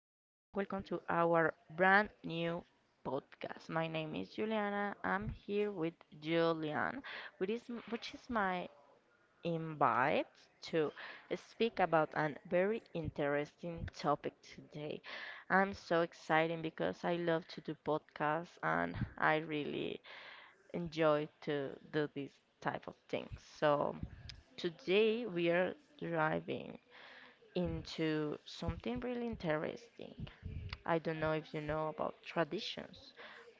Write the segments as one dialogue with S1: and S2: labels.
S1: welcome to our brand new podcast. My name is Juliana. I'm here with Julian, which is, which is my invite to speak about a very interesting topic today. I'm so excited because I love to do podcasts and I really enjoy to do this type of things. So today we are driving into something really interesting. I don't know if you know about traditions.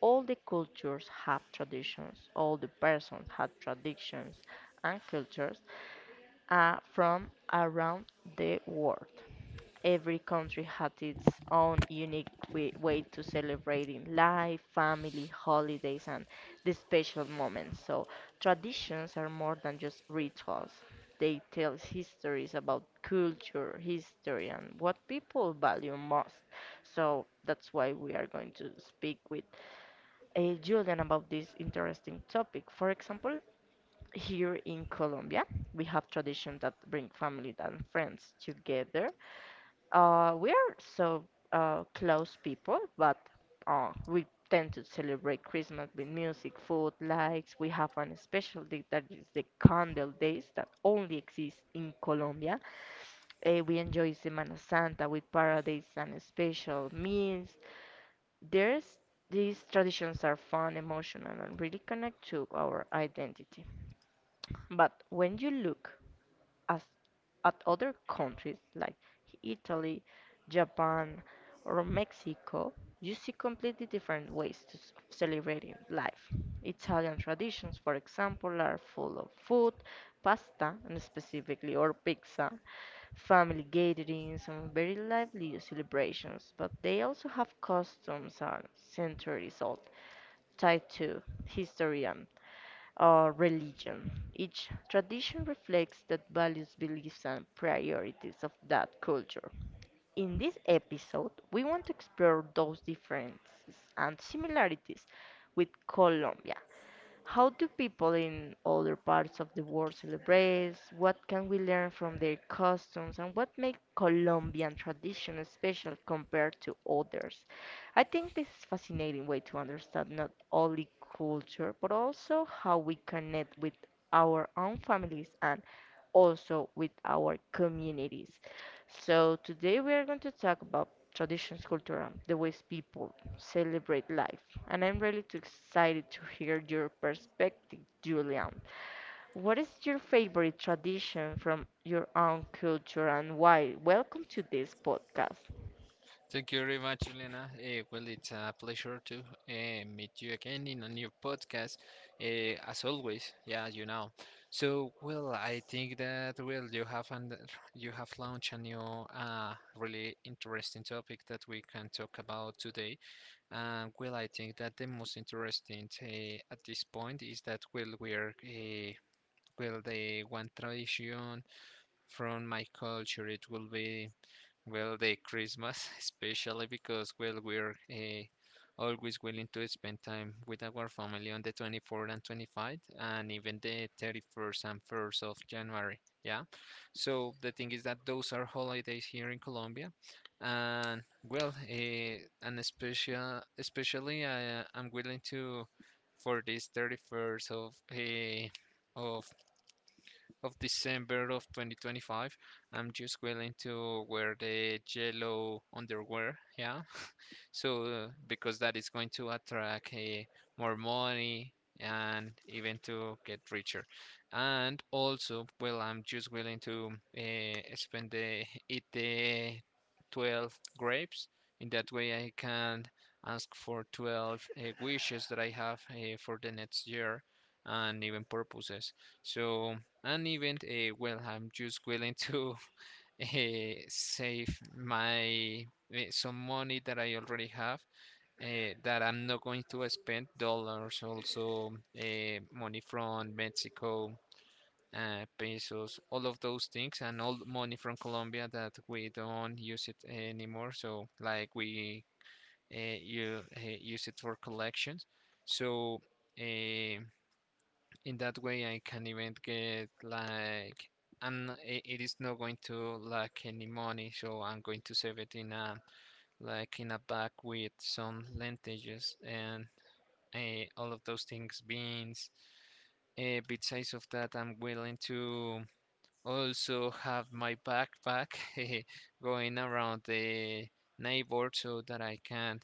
S1: All the cultures have traditions, all the persons have traditions and cultures from around the world. Every country had its own unique way to celebrating life, family, holidays, and the special moments. So, traditions are more than just rituals. They tell histories about culture, history, and what people value most. So, that's why we are going to speak with Julian about this interesting topic. For example, here in Colombia, we have traditions that bring family and friends together, we are so close people, but we tend to celebrate Christmas with music, food, lights. We have an special day that is the Candle Days that only exists in Colombia. We enjoy Semana Santa with paradise and special meals. There's These traditions are fun, emotional, and really connect to our identity. But when you look as at other countries like Italy, Japan, or Mexico, you see completely different ways of celebrating life. Italian traditions, for example, are full of food, pasta, and specifically, or pizza, family gatherings, and very lively celebrations, but they also have customs and centuries old, tied to history and or religion. Each tradition reflects the values, beliefs, and priorities of that culture. In this episode, we want to explore those differences and similarities with Colombia. How do people in other parts of the world celebrate? What can we learn from their customs? And what makes Colombian tradition special compared to others? I think this is a fascinating way to understand not only culture, but also how we connect with our own families and also with our communities. So today we are going to talk about traditions, culture, the ways people celebrate life. And I'm really too excited to hear your perspective, Julian. What is your favorite tradition from your own culture and why? Welcome to this podcast.
S2: Thank you very much, Elena. Well, it's a pleasure to meet you again in a new podcast, uh, as always. Yeah. So, well, I think that well, you have launched a new, really interesting topic that we can talk about today. And well, I think that the most interesting at this point is that well, the one tradition from my culture it will be well, the Christmas, especially because, well, we're always willing to spend time with our family on the 24th and 25th, and even the 31st and 1st of January. Yeah. So the thing is that those are holidays here in Colombia, and well, and especially, I'm willing to for this 31st of of December of 2025. I'm just willing to wear the yellow underwear, yeah. So because that is going to attract more money and even to get richer. And also, well, I'm just willing to spend the eat the 12 grapes. In that way, I can ask for 12 wishes that I have for the next year and even purposes. So and even well I'm just willing to save my some money that I already have that I'm not going to spend dollars also money from Mexico pesos, all of those things, and all money from Colombia that we don't use it anymore, so like we you use it for collections. So uh, in that way I can even get like, and it is not going to lack any money, so I'm going to save it in a like in a bag with some lentils and all of those things, beans besides of that. I'm willing to also have my backpack going around the neighborhood so that I can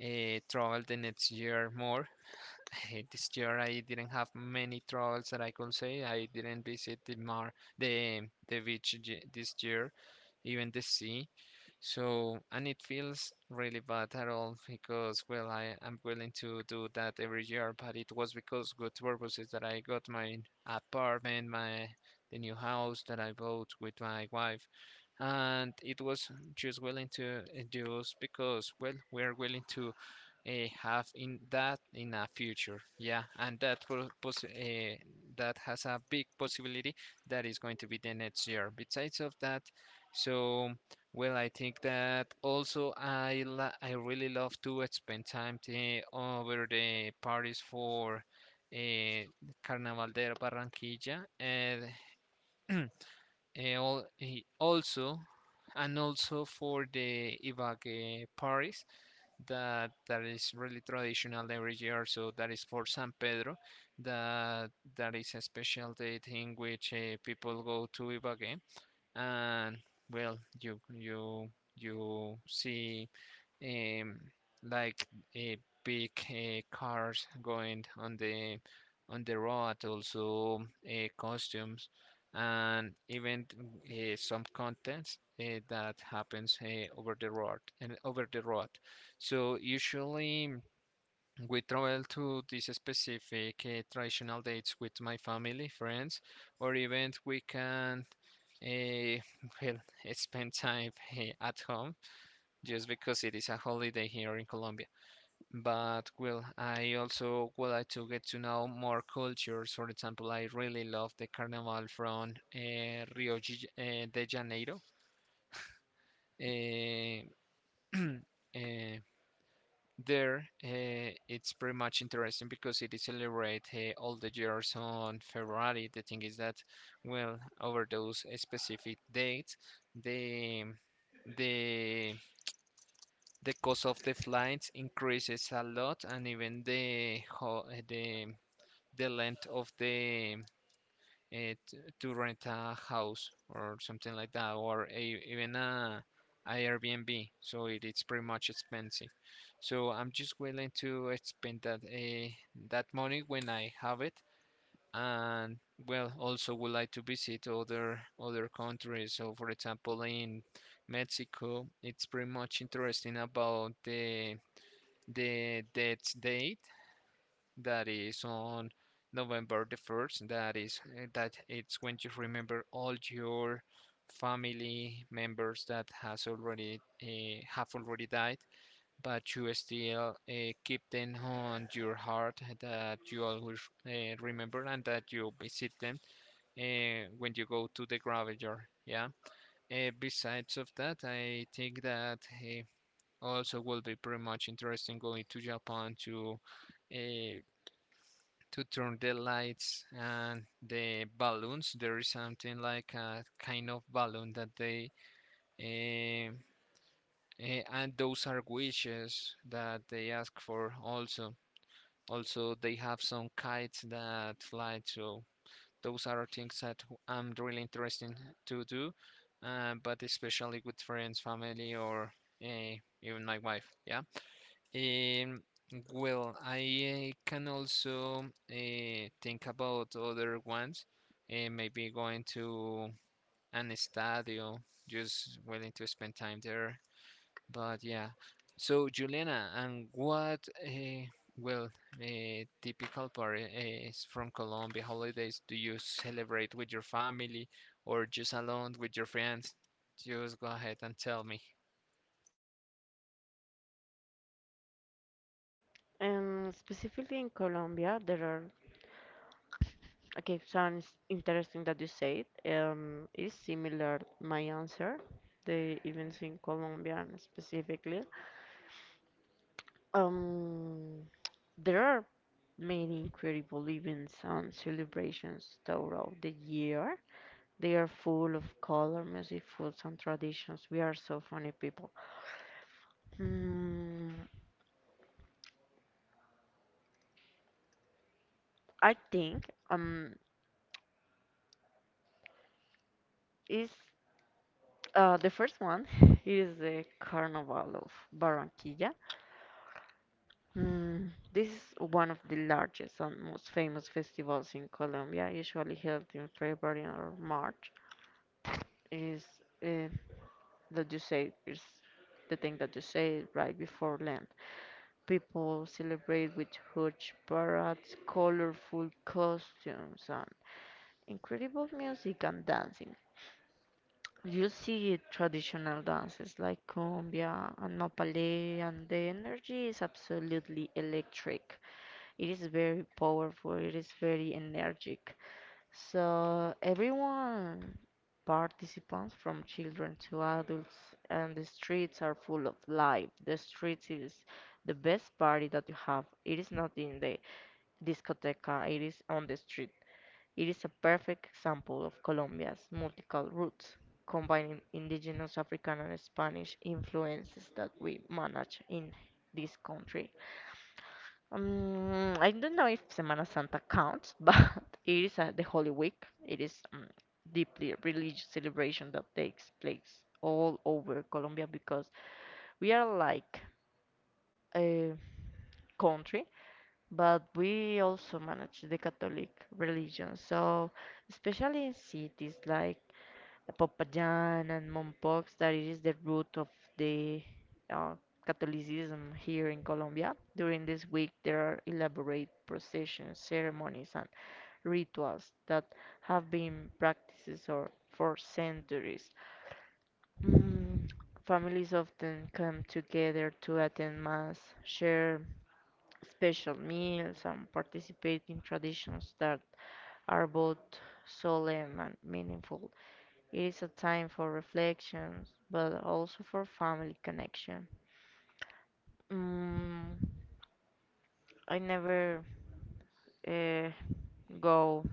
S2: travel the next year more. This year I didn't have many travels that I could say. I didn't visit the mar the the beach j- this year, even the sea. So and it feels really bad at all because well I am willing to do that every year, but it was because good purposes that I got my apartment, my the new house that I bought with my wife. And it was just willing to just because well we are willing to uh, have in a future, yeah, and that will that has a big possibility that is going to be the next year, besides of that. So well I think that also I really love to spend time over the parties for uh, Carnaval de Barranquilla, and also and also for the ibague parties, that is really traditional every year. So that is for San Pedro. That that is a special date in which people go to Ibagué, and well you see um like uh, big cars going on the, road, also costumes, and even some contents that happens over the road and over the road. So usually we travel to these specific traditional dates with my family, friends, or even we can uh, well, spend time at home just because it is a holiday here in Colombia. But well, I also would like to get to know more cultures. For example, I really love the Carnival from Rio de Janeiro. Eh, eh, there it's pretty much interesting because it is celebrate all the years on February. The thing is that, well, over those specific dates, the the the cost of the flights increases a lot, and even the the length of the it to rent a house or something like that, even a Airbnb. So it's pretty much expensive. So I'm just willing to spend that money when I have it. And well, also would like to visit other countries. So for example, in Mexico, it's pretty much interesting about the death date that is on November the 1st. That is that it's when you remember all your family members that has already have already died, but you still keep them on your heart, that you always remember and that you visit them when you go to the graveyard. Yeah. Besides of that, I think that also will be pretty much interesting going to Japan to uh, to turn the lights and the balloons. There is something like a kind of balloon that eh, and those are wishes that they ask for also. Also, they have some kites that fly, so those are things that I'm really interested to do, but especially with friends, family, or even my wife. Yeah. Um, well, I can also think about other ones, maybe going to an estadio, just willing to spend time there. But yeah, so Juliana, well, typical part is from Colombia holidays, do you celebrate with your family or just alone with your friends? Just go ahead and tell me.
S1: Specifically in Colombia, there are okay. Sounds interesting that you said. Is similar my answer. The events in Colombia and specifically. Um, there are many incredible events and celebrations throughout the year. They are full of color, music, foods, and traditions. We are so funny people. Mm, I think is the first one is the Carnival of Barranquilla. This is one of the largest and most famous festivals in Colombia, usually held in February or March. Is uh, that you said is the thing that you said right before Lent. People celebrate with huge parades, colorful costumes, and incredible music and dancing. You see traditional dances like cumbia and nopale, and the energy is absolutely electric. It is very powerful, it is very energetic. So, everyone participants from children to adults, and the streets are full of life. The streets is the best party that you have. It is not in the discoteca, it is on the street. It is a perfect example of Colombia's multicultural roots, combining indigenous African and Spanish influences that we manage in this country. I don't know if Semana Santa counts, but it is the Holy Week. It is deeply religious celebration that takes place all over Colombia because we are like a country, but we also manage the Catholic religion. So, especially in cities like the Popayan and Mompox, that is the root of the uh, Catholicism here in Colombia. During this week, there are elaborate processions, ceremonies, and rituals that have been practices or for centuries. Mm, Families often come together to attend Mass, share special meals, and participate in traditions that are both solemn and meaningful. It is a time for reflections, but also for family connection. Mm, I never uh, go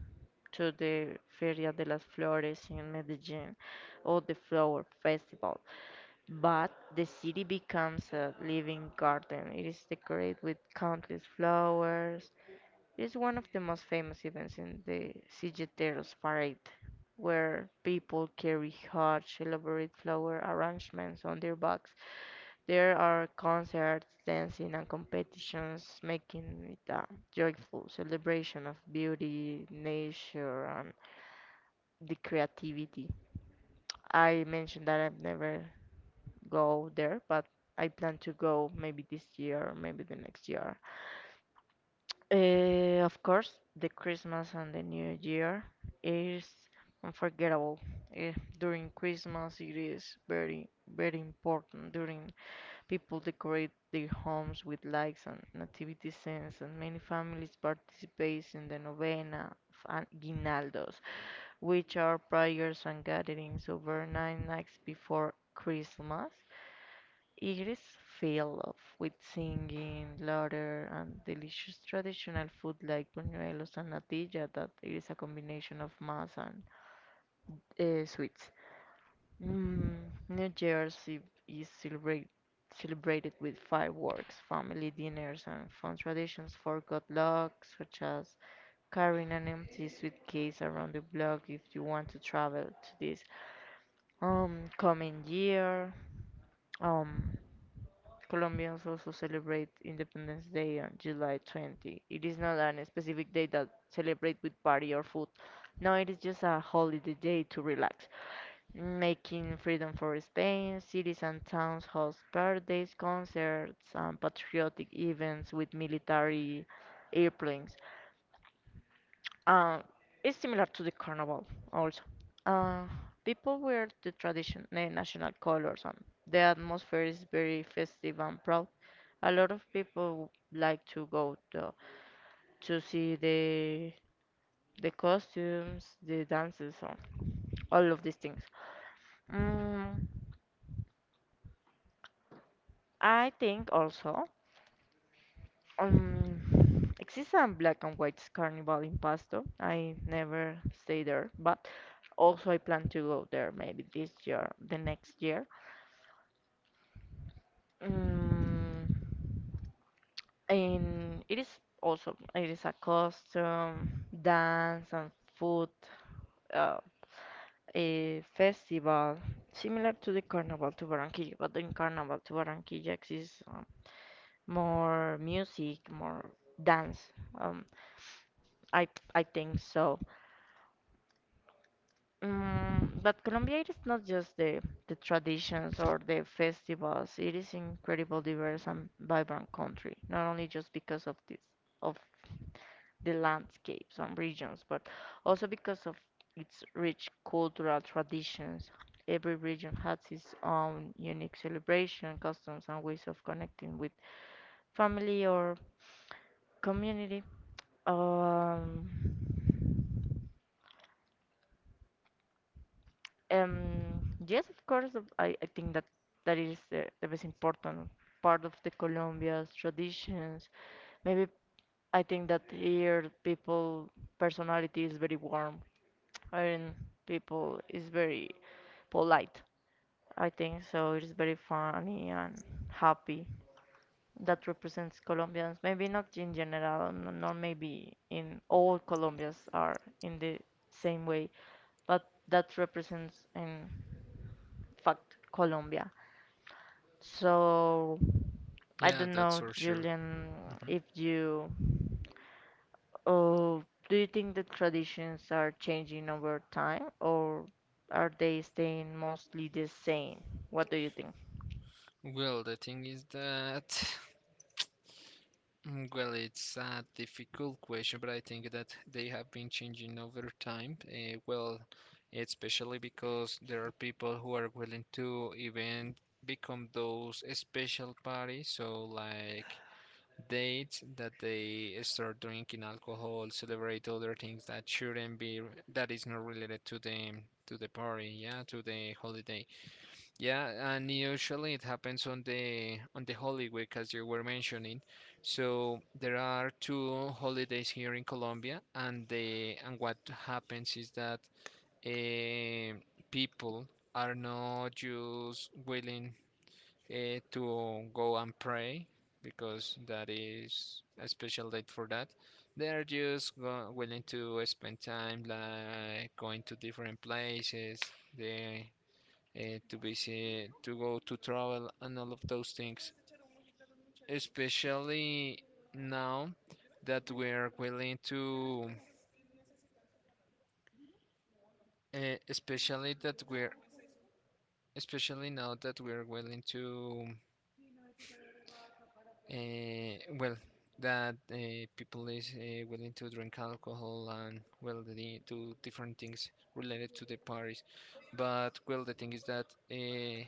S1: to the Feria de las Flores in Medellin or the Flower Festival, but the city becomes a living garden. It is decorated with countless flowers. It is one of the most famous events in the Cigueteros Parade, where people carry huge, elaborate flower arrangements on their backs. There are concerts, dancing, and competitions, making it a joyful celebration of beauty, nature, and the creativity. I mentioned that I've never go there, but I plan to go maybe this year or maybe the next year. Of course, the Christmas and the New Year is unforgettable. Eh, During Christmas, it is very, very important during people decorate their homes with lights and nativity scenes, and many families participate in the novena of aguinaldos, which are prayers and gatherings over nine nights before Christmas. It is filled with singing, laughter, and delicious traditional food like buñuelos and natilla that is a combination of mass and sweets. Mm, New Year's Eve is celebrate, celebrated with fireworks, family dinners, and fun traditions for good luck, such as carrying an empty suitcase around the block if you want to travel to this coming year. Um, Colombians also celebrate Independence Day on July 20th. It is not an specific day that celebrate with party or food. No, it is just a holiday day to relax making freedom for Spain, cities and towns host parades, concerts, and patriotic events with military airplanes. Uh, it's similar to the carnival, also. Uh, people wear the tradition, national colors, and the atmosphere is very festive and proud. A lot of people like to go to see the costumes, the dances, or all of these things. Mm, I think also exists a black and white carnival in Pasto. I never stay there, but also I plan to go there maybe this year, the next year. Um, and it is also it is a costume, dance and food uh, a festival similar to the Carnival to Barranquilla, but in Carnival to Barranquilla exists more music, more dance. Um, I I think so. But Colombia, it is not just the traditions or the festivals. It is incredible diverse and vibrant country, not only just because of this of the landscapes and regions, but also because of its rich cultural traditions. Every region has its own unique celebration, customs, and ways of connecting with family or community. Um, yes, of course. I think that that is the most important part of the Colombia's traditions. Maybe I think that here people personality is very warm. I mean, people is very polite. I think so. It is very funny and happy. That represents Colombians. Maybe not in general, not maybe in all Colombians are in the same way, but that represents in fact Colombia. So I
S2: Yeah,
S1: don't
S2: that's
S1: know,
S2: for sure.
S1: Julian, if you oh, do you think the traditions are changing over time or are they staying mostly the same? What do you think?
S2: Well, the thing is that, well, it's a difficult question, but I think that they have been changing over time. Well, especially because there are people who are willing to even become those special parties, so like dates that they start drinking alcohol, celebrate other things that shouldn't be, that is not related to them, to the party, yeah, to the holiday. Yeah, and usually it happens on the Holy Week, as you were mentioning. So there are two holidays here in Colombia, and the and what happens is that eh, people are not just willing to go and pray because that is a special date for that. They are just go willing to spend time like going to different places. They uh, to visit, to go, to travel, and all of those things. Especially now that we're willing to, uh, especially that we're, especially now that we're willing to, well, that people is willing to drink alcohol, and well, they do different things related to the parties. But well, the thing is that. Uh,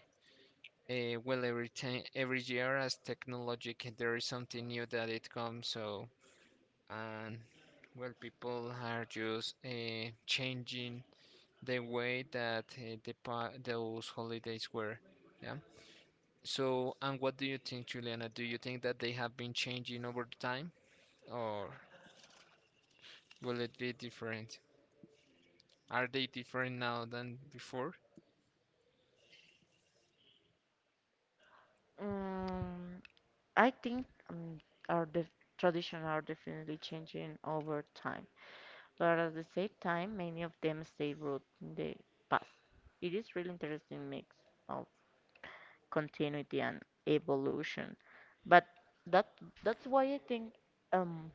S2: well, every time, every year as technology, there is something new that it comes. So, and well, people are just changing the way that those holidays were. Yeah. So, and what do you think, Juliana? Do you think that they have been changing over time, or will it be different? Are they different now than before?
S1: Um, I think our the tradition are definitely changing over time, but at the same time, many of them stay rooted in the past. It is really interesting mix of continuity and evolution. But that that's why I think um,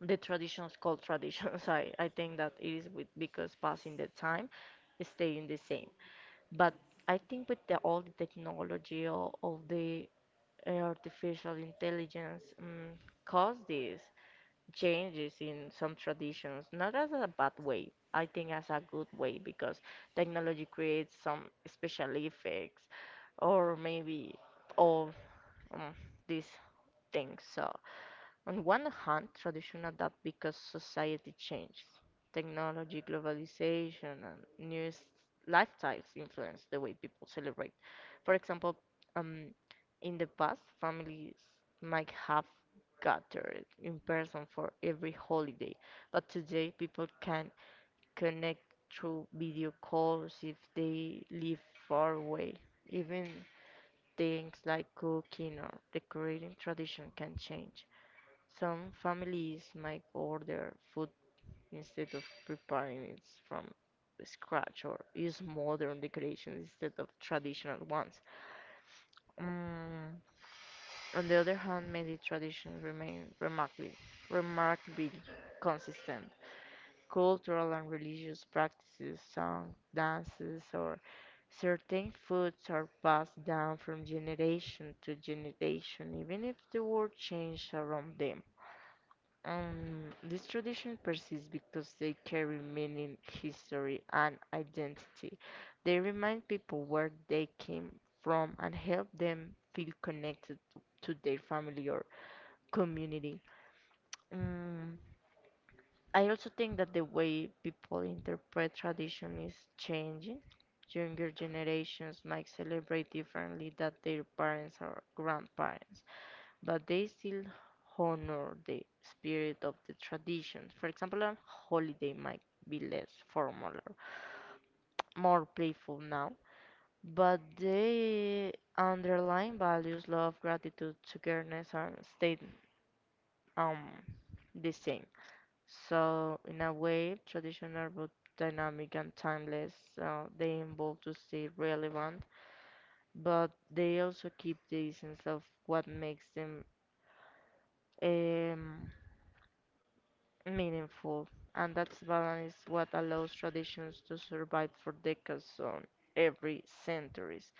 S1: the traditions called traditions. I think that it is with because passing the time, is staying the same. But I think with the all the technology or all the artificial intelligence cause these changes in some traditions, not as a bad way. I think as a good way because technology creates some special effects or maybe or um, these things. So, on one hand, tradition adapt because society changes. Technology, globalization, and lifestyles influence the way people celebrate. For example, um, in the past, families might have gathered in person for every holiday, but today people can connect through video calls if they live far away. Even things like cooking or decorating tradition can change. Some families might order food instead of preparing it from scratch or use modern decorations instead of traditional ones. Mm, on the other hand, many traditions remain remarkably consistent. Cultural and religious practices, songs, dances, or certain foods are passed down from generation to generation, even if the world changes around them. These traditions persist because they carry meaning, history, and identity. They remind people where they came from and help them feel connected to their family or community. Mm, I also think that the way people interpret tradition is changing. Younger generations might celebrate differently than their parents or grandparents, but they still honor the spirit of the tradition. For example, a holiday might be less formal or more playful now, but the underlying values, love, gratitude, togetherness, and stay um, the same. So, in a way, traditional but dynamic and timeless, they evolve to stay relevant, but they also keep the essence of what makes them um, meaningful. And that balance is what allows traditions to survive for decades on every centuries.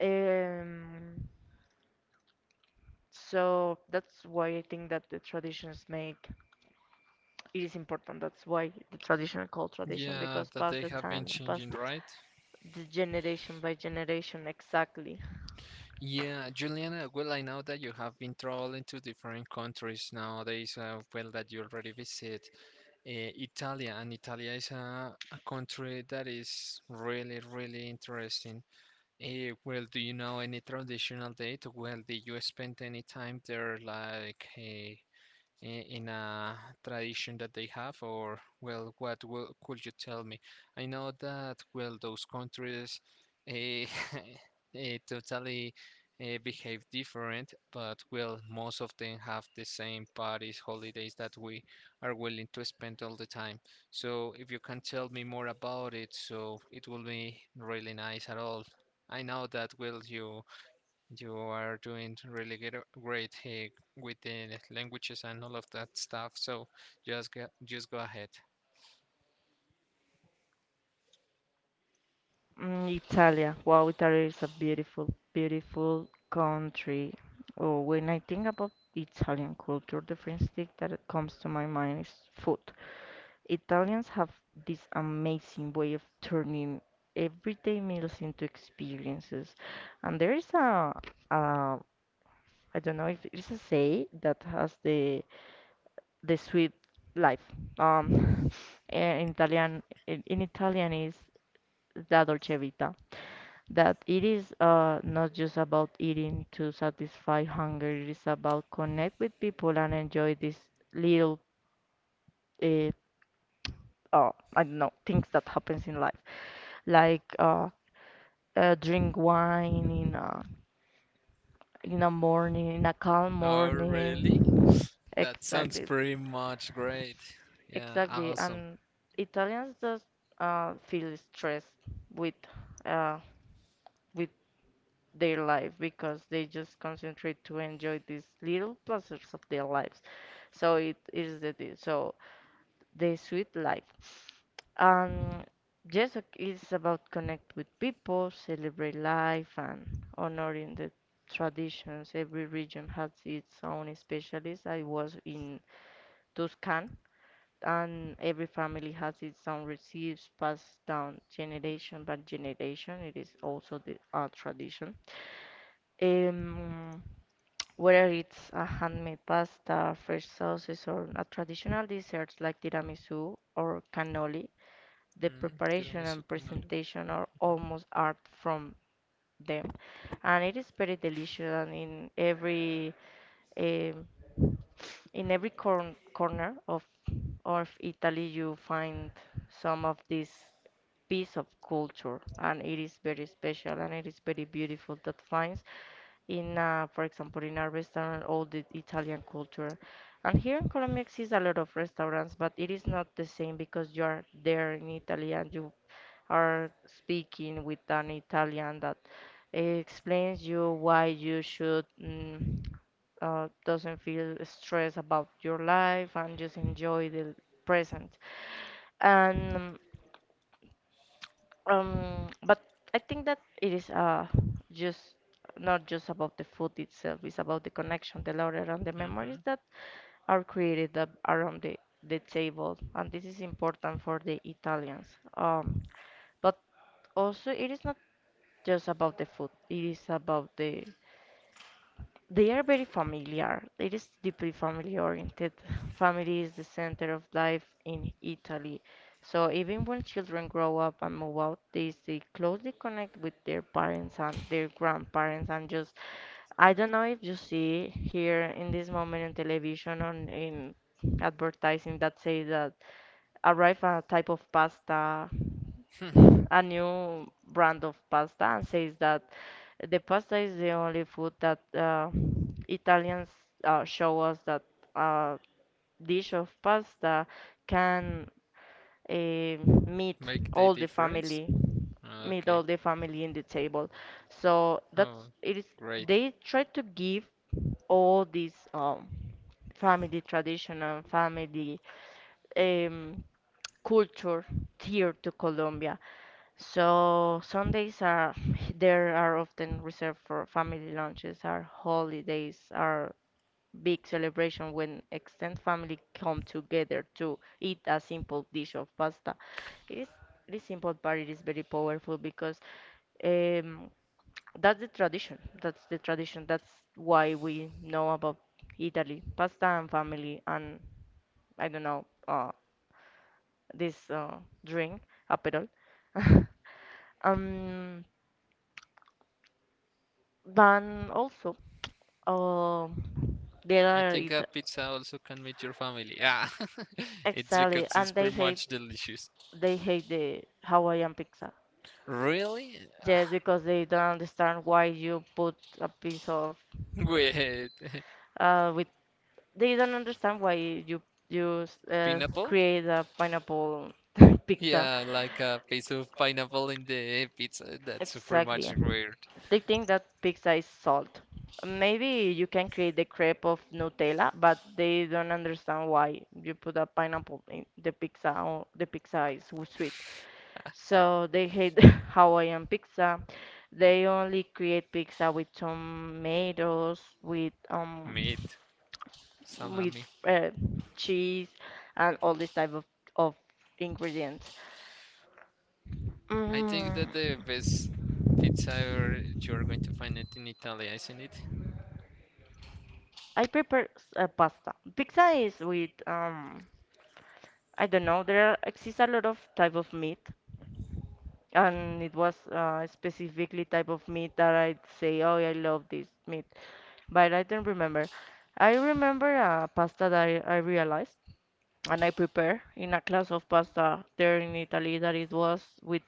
S1: Um, so that's why I think that the traditions make it is important. That's why the tradition called tradition
S2: Yeah,
S1: because
S2: that
S1: past
S2: they
S1: the
S2: have been
S1: time, past
S2: changing, right?
S1: the generation by generation, exactly.
S2: Yeah, Juliana, well, I know that you have been traveling to different countries nowadays, well, that you already visit Italia, and Italia is a country that is really, really interesting. Well, do you know any traditional date? Well, did you spend any time there, like in a tradition that they have, or well, could you tell me? I know that well, those countries eh, totally behave different, but well, most of them have the same parties, holidays that we are willing to spend all the time. So if you can tell me more about it, so it will be really nice at all. I know that will you you are doing really get great with the languages and all of that stuff. So just go ahead.
S1: Mm, Italia. Wow, Italy is a beautiful, beautiful country. Oh, when I think about Italian culture, the first thing that it comes to my mind is food. Italians have this amazing way of turning everyday meals into experiences. And there is a I don't know if it's a say that has the sweet life. Um, in Italian, in Italian is la dolce vita. That it is not just about eating to satisfy hunger, it is about connect with people and enjoy these little, uh, uh, I don't know, things that happens in life. Like drink wine in a morning, in a calm
S2: Oh, really?
S1: morning.
S2: That sounds
S1: Exactly,
S2: pretty much great. Yeah,
S1: exactly.
S2: awesome.
S1: And Italians just feel stressed with uh, with their life because they just concentrate to enjoy these little pleasures of their lives. So it is the di- so the sweet life. Um, yes, it's about connect with people, celebrate life, and honoring the traditions. Every region has its own specialist. I was in Tuscan, and every family has its own recipes passed down generation by generation. It is also the a tradition. Um, whether it's a handmade pasta, fresh sauces, or a traditional desserts like tiramisu or cannoli, the
S2: Mm,
S1: preparation
S2: tiramisu
S1: and
S2: con olive.
S1: presentation are almost art from them, and it is very delicious. And in um, every corner of Italy, you find some of this piece of culture, and it is very special and it is very beautiful that finds in, for example, in our restaurant, all the Italian culture. And here in Colombia exists a lot of restaurants, but it is not the same because you are there in Italy and you are speaking with an Italian that explains you why you should doesn't feel stressed about your life and just enjoy the present. And um, but I think that it is just not just about the food itself, it's about the connection, the lore, and the
S2: Mhm.
S1: memories
S2: Mhm.
S1: that are created around the table, and this is important for the Italians. Um, but also it is not just about the food, it is about they are very familiar. It is deeply family oriented. Family is the center of life in Italy. So even when children grow up and move out, they stay closely connect with their parents and their grandparents and just I don't know if you see here in this moment in television on in advertising that say that arrive a type of pasta, a new brand of pasta, and says that the pasta is the only food that Italians show us that a dish of pasta can meet
S2: Make the
S1: all the
S2: difference?
S1: family, meet
S2: Okay.
S1: all the family in the table. So
S2: Oh,
S1: that's it is.
S2: great.
S1: They try to give all these family tradition and family um, culture here to Colombia. So Sundays are there are often reserved for family lunches. Our holidays are big celebration when extended family come together to eat a simple dish of pasta. It is it is simple, but it is very powerful because um, that's the tradition. That's the tradition. That's why we know about Italy, pasta and family, and I don't know. This drink, Aperol. Um, then also, uh, there
S2: I
S1: are
S2: think
S1: it
S2: a pizza also can meet your family. Yeah, it's
S1: exactly,
S2: because it's
S1: and
S2: pretty much delicious.
S1: they hate the Hawaiian pizza.
S2: Really? Ah,
S1: Yes, because they don't understand why you put a piece of
S2: wait,
S1: with they don't understand why you
S2: pineapple?
S1: create a pineapple pizza.
S2: Yeah, like a piece of pineapple in the pizza. That's pretty
S1: Exactly.
S2: much weird.
S1: They think that pizza is salt. Maybe you can create the crepe of Nutella, but they don't understand why you put a pineapple in the pizza. Or the pizza is sweet, so they hate Hawaiian pizza. They only create pizza with tomatoes, with
S2: Meat,
S1: with
S2: salami.
S1: uh, cheese, and all this type of of ingredients.
S2: I think
S1: Mm.
S2: that the best pizza ever you're going to find it in Italy, isn't it?
S1: I prefer pasta. Pizza is with I don't know. There are- exists a lot of type of meat, and it was specifically type of meat that I'd say, oh, I love this meat, but I don't remember. I remember a pasta that I realized and I prepare in a class of pasta there in Italy that it was with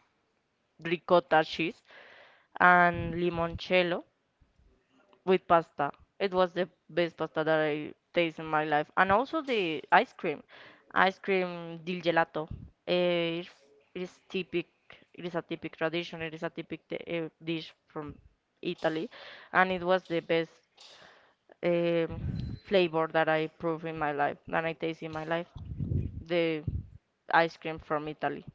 S1: ricotta cheese and limoncello with pasta. It was the best pasta that I taste in my life, and also the ice cream del gelato. Eh, it's- it is typic. It is a typic tradition. It is a typic dish from Italy, and it was the best flavor that I prove in my life, that I taste in my life. The ice cream from Italy,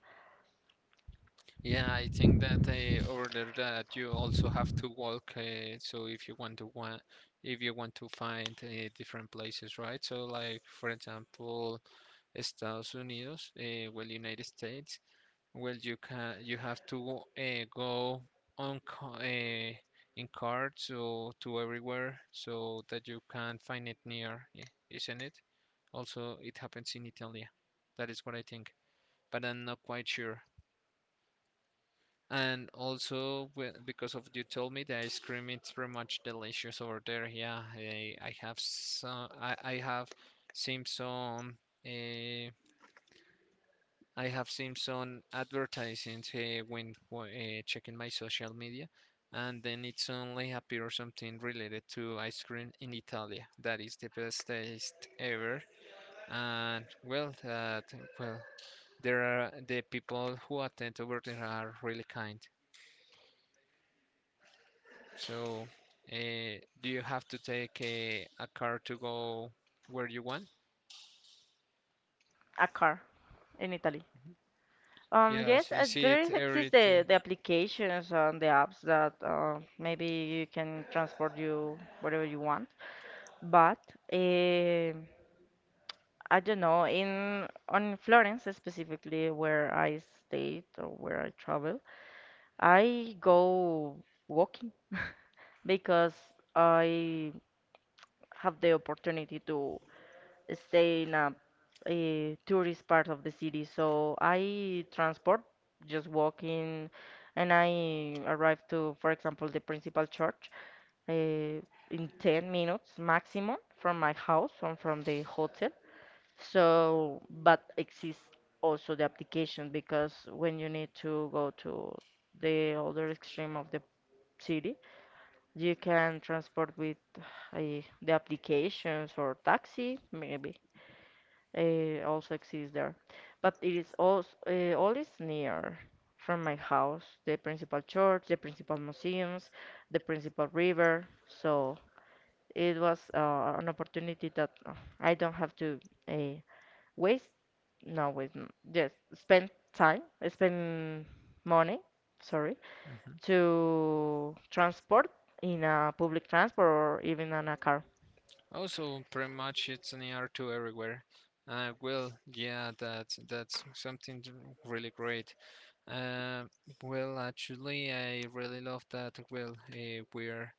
S2: Yeah, I think that over there that you also have to walk. So if you want to want, if you want to find different places, right? So like for example, Estados Unidos, well, United States. Well, you have to go on ca- uh, in car, so to everywhere so that you can find it near, yeah, isn't it? Also, it happens in Italy. That is what I think, but I'm not quite sure. And also, because of you told me the ice cream, it's pretty much delicious over there. Yeah, I have some. I have seen some. Uh, I have seen some advertisements when checking my social media, and then it's only appear something related to ice cream in Italy. That is the best taste ever. And well, well, there are the people who attend over there are really kind. So, do you have to take a car to go where you want?
S1: a car in Italy. Yes,
S2: Yes, you see
S1: there
S2: it
S1: is exist the,
S2: everything?
S1: the applications and the apps that maybe you can transport you wherever you want. But eh, I don't know, in on Florence specifically, where I stayed or where I travel, I go walking because I have the opportunity to stay in a tourist part of the city. So I transport, just walking, and I arrive to, for example, the principal church in 10 minutes maximum from my house or from the hotel. So, but exists also the application because when you need to go to the other extreme of the city, you can transport with the applications or taxi, maybe also exists there. But it is also all is near from my house, the principal church, the principal museums, the principal river. So it was an opportunity that I don't have to uh, waste, no, waste, just spend time, spend money, sorry,
S2: Hmm.
S1: to transport in a public transport or even in a car.
S2: Also, pretty much it's near to everywhere. Well, yeah, that's something really great. Uh, well, actually, I really love that. Well, we're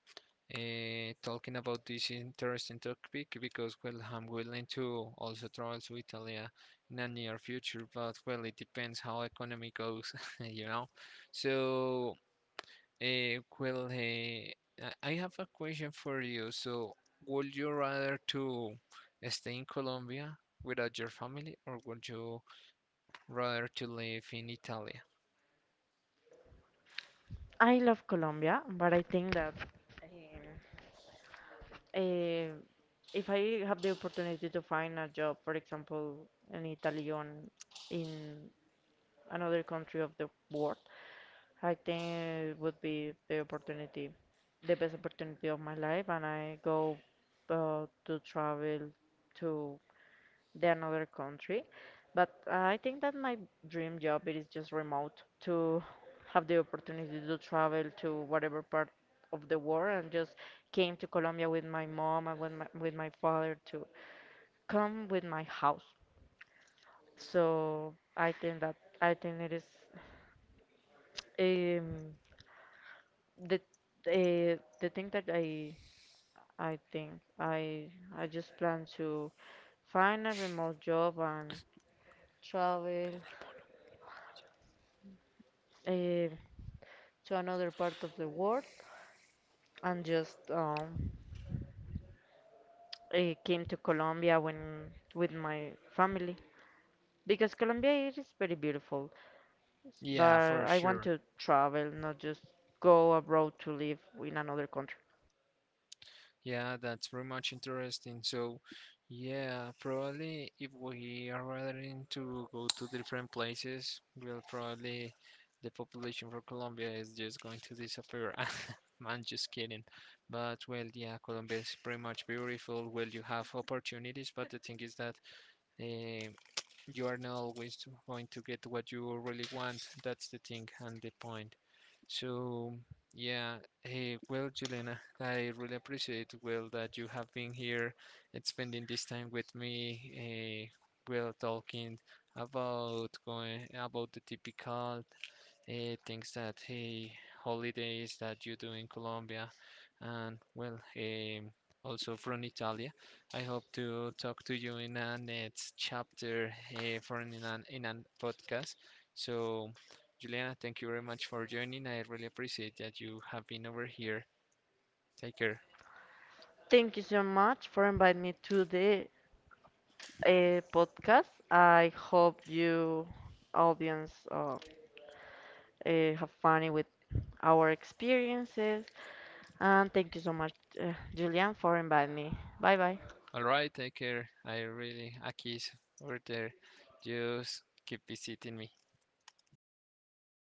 S2: talking about this interesting topic because well I'm willing to also travel to Italy in a near future, but well it depends how economy goes you know so uh, well uh, I have a question for you. So would you rather to stay in Colombia without your family, or would you rather to live in Italy?
S1: I love Colombia, but I think that. Uh, if I have the opportunity to find a job, for example, an Italian in another country of the world, I think it would be the opportunity, the best opportunity of my life, and I go to travel to than another country. But I think that my dream job it is just remote to have the opportunity to travel to whatever part of the world and just came to Colombia with my mom and with with my father to come with my house. So I think it is um, the the thing that I think I I just plan to find a remote job and travel. Uh, to another part of the world and just I came to Colombia when with my family because Colombia it is very beautiful, but
S2: Yeah, for
S1: I want
S2: sure.
S1: to travel, not just go abroad to live in another country.
S2: Yeah, that's very much interesting. So, yeah, probably if we are willing to go to different places, we'll probably the population for Colombia is just going to disappear. Man, just kidding. But well, yeah, Colombia is pretty much beautiful. Well, you have opportunities, but the thing is that eh, you are not always going to get what you really want. That's the thing and the point. So, yeah, hey, well, Juliana, I really appreciate, well, that you have been here and spending this time with me, well, talking about, going about the typical things that, hey, holidays that you do in Colombia, and well, also from Italy. I hope to talk to you in a next chapter for in a podcast. So, Juliana, thank you very much for joining. I really appreciate that you have been over here. Take care.
S1: Thank you so much for inviting me to the podcast. I hope you audience have fun with our experiences and thank you so much Julian for inviting me. Bye bye.
S2: All right, take care. I really, Akis, over there, just keep visiting me.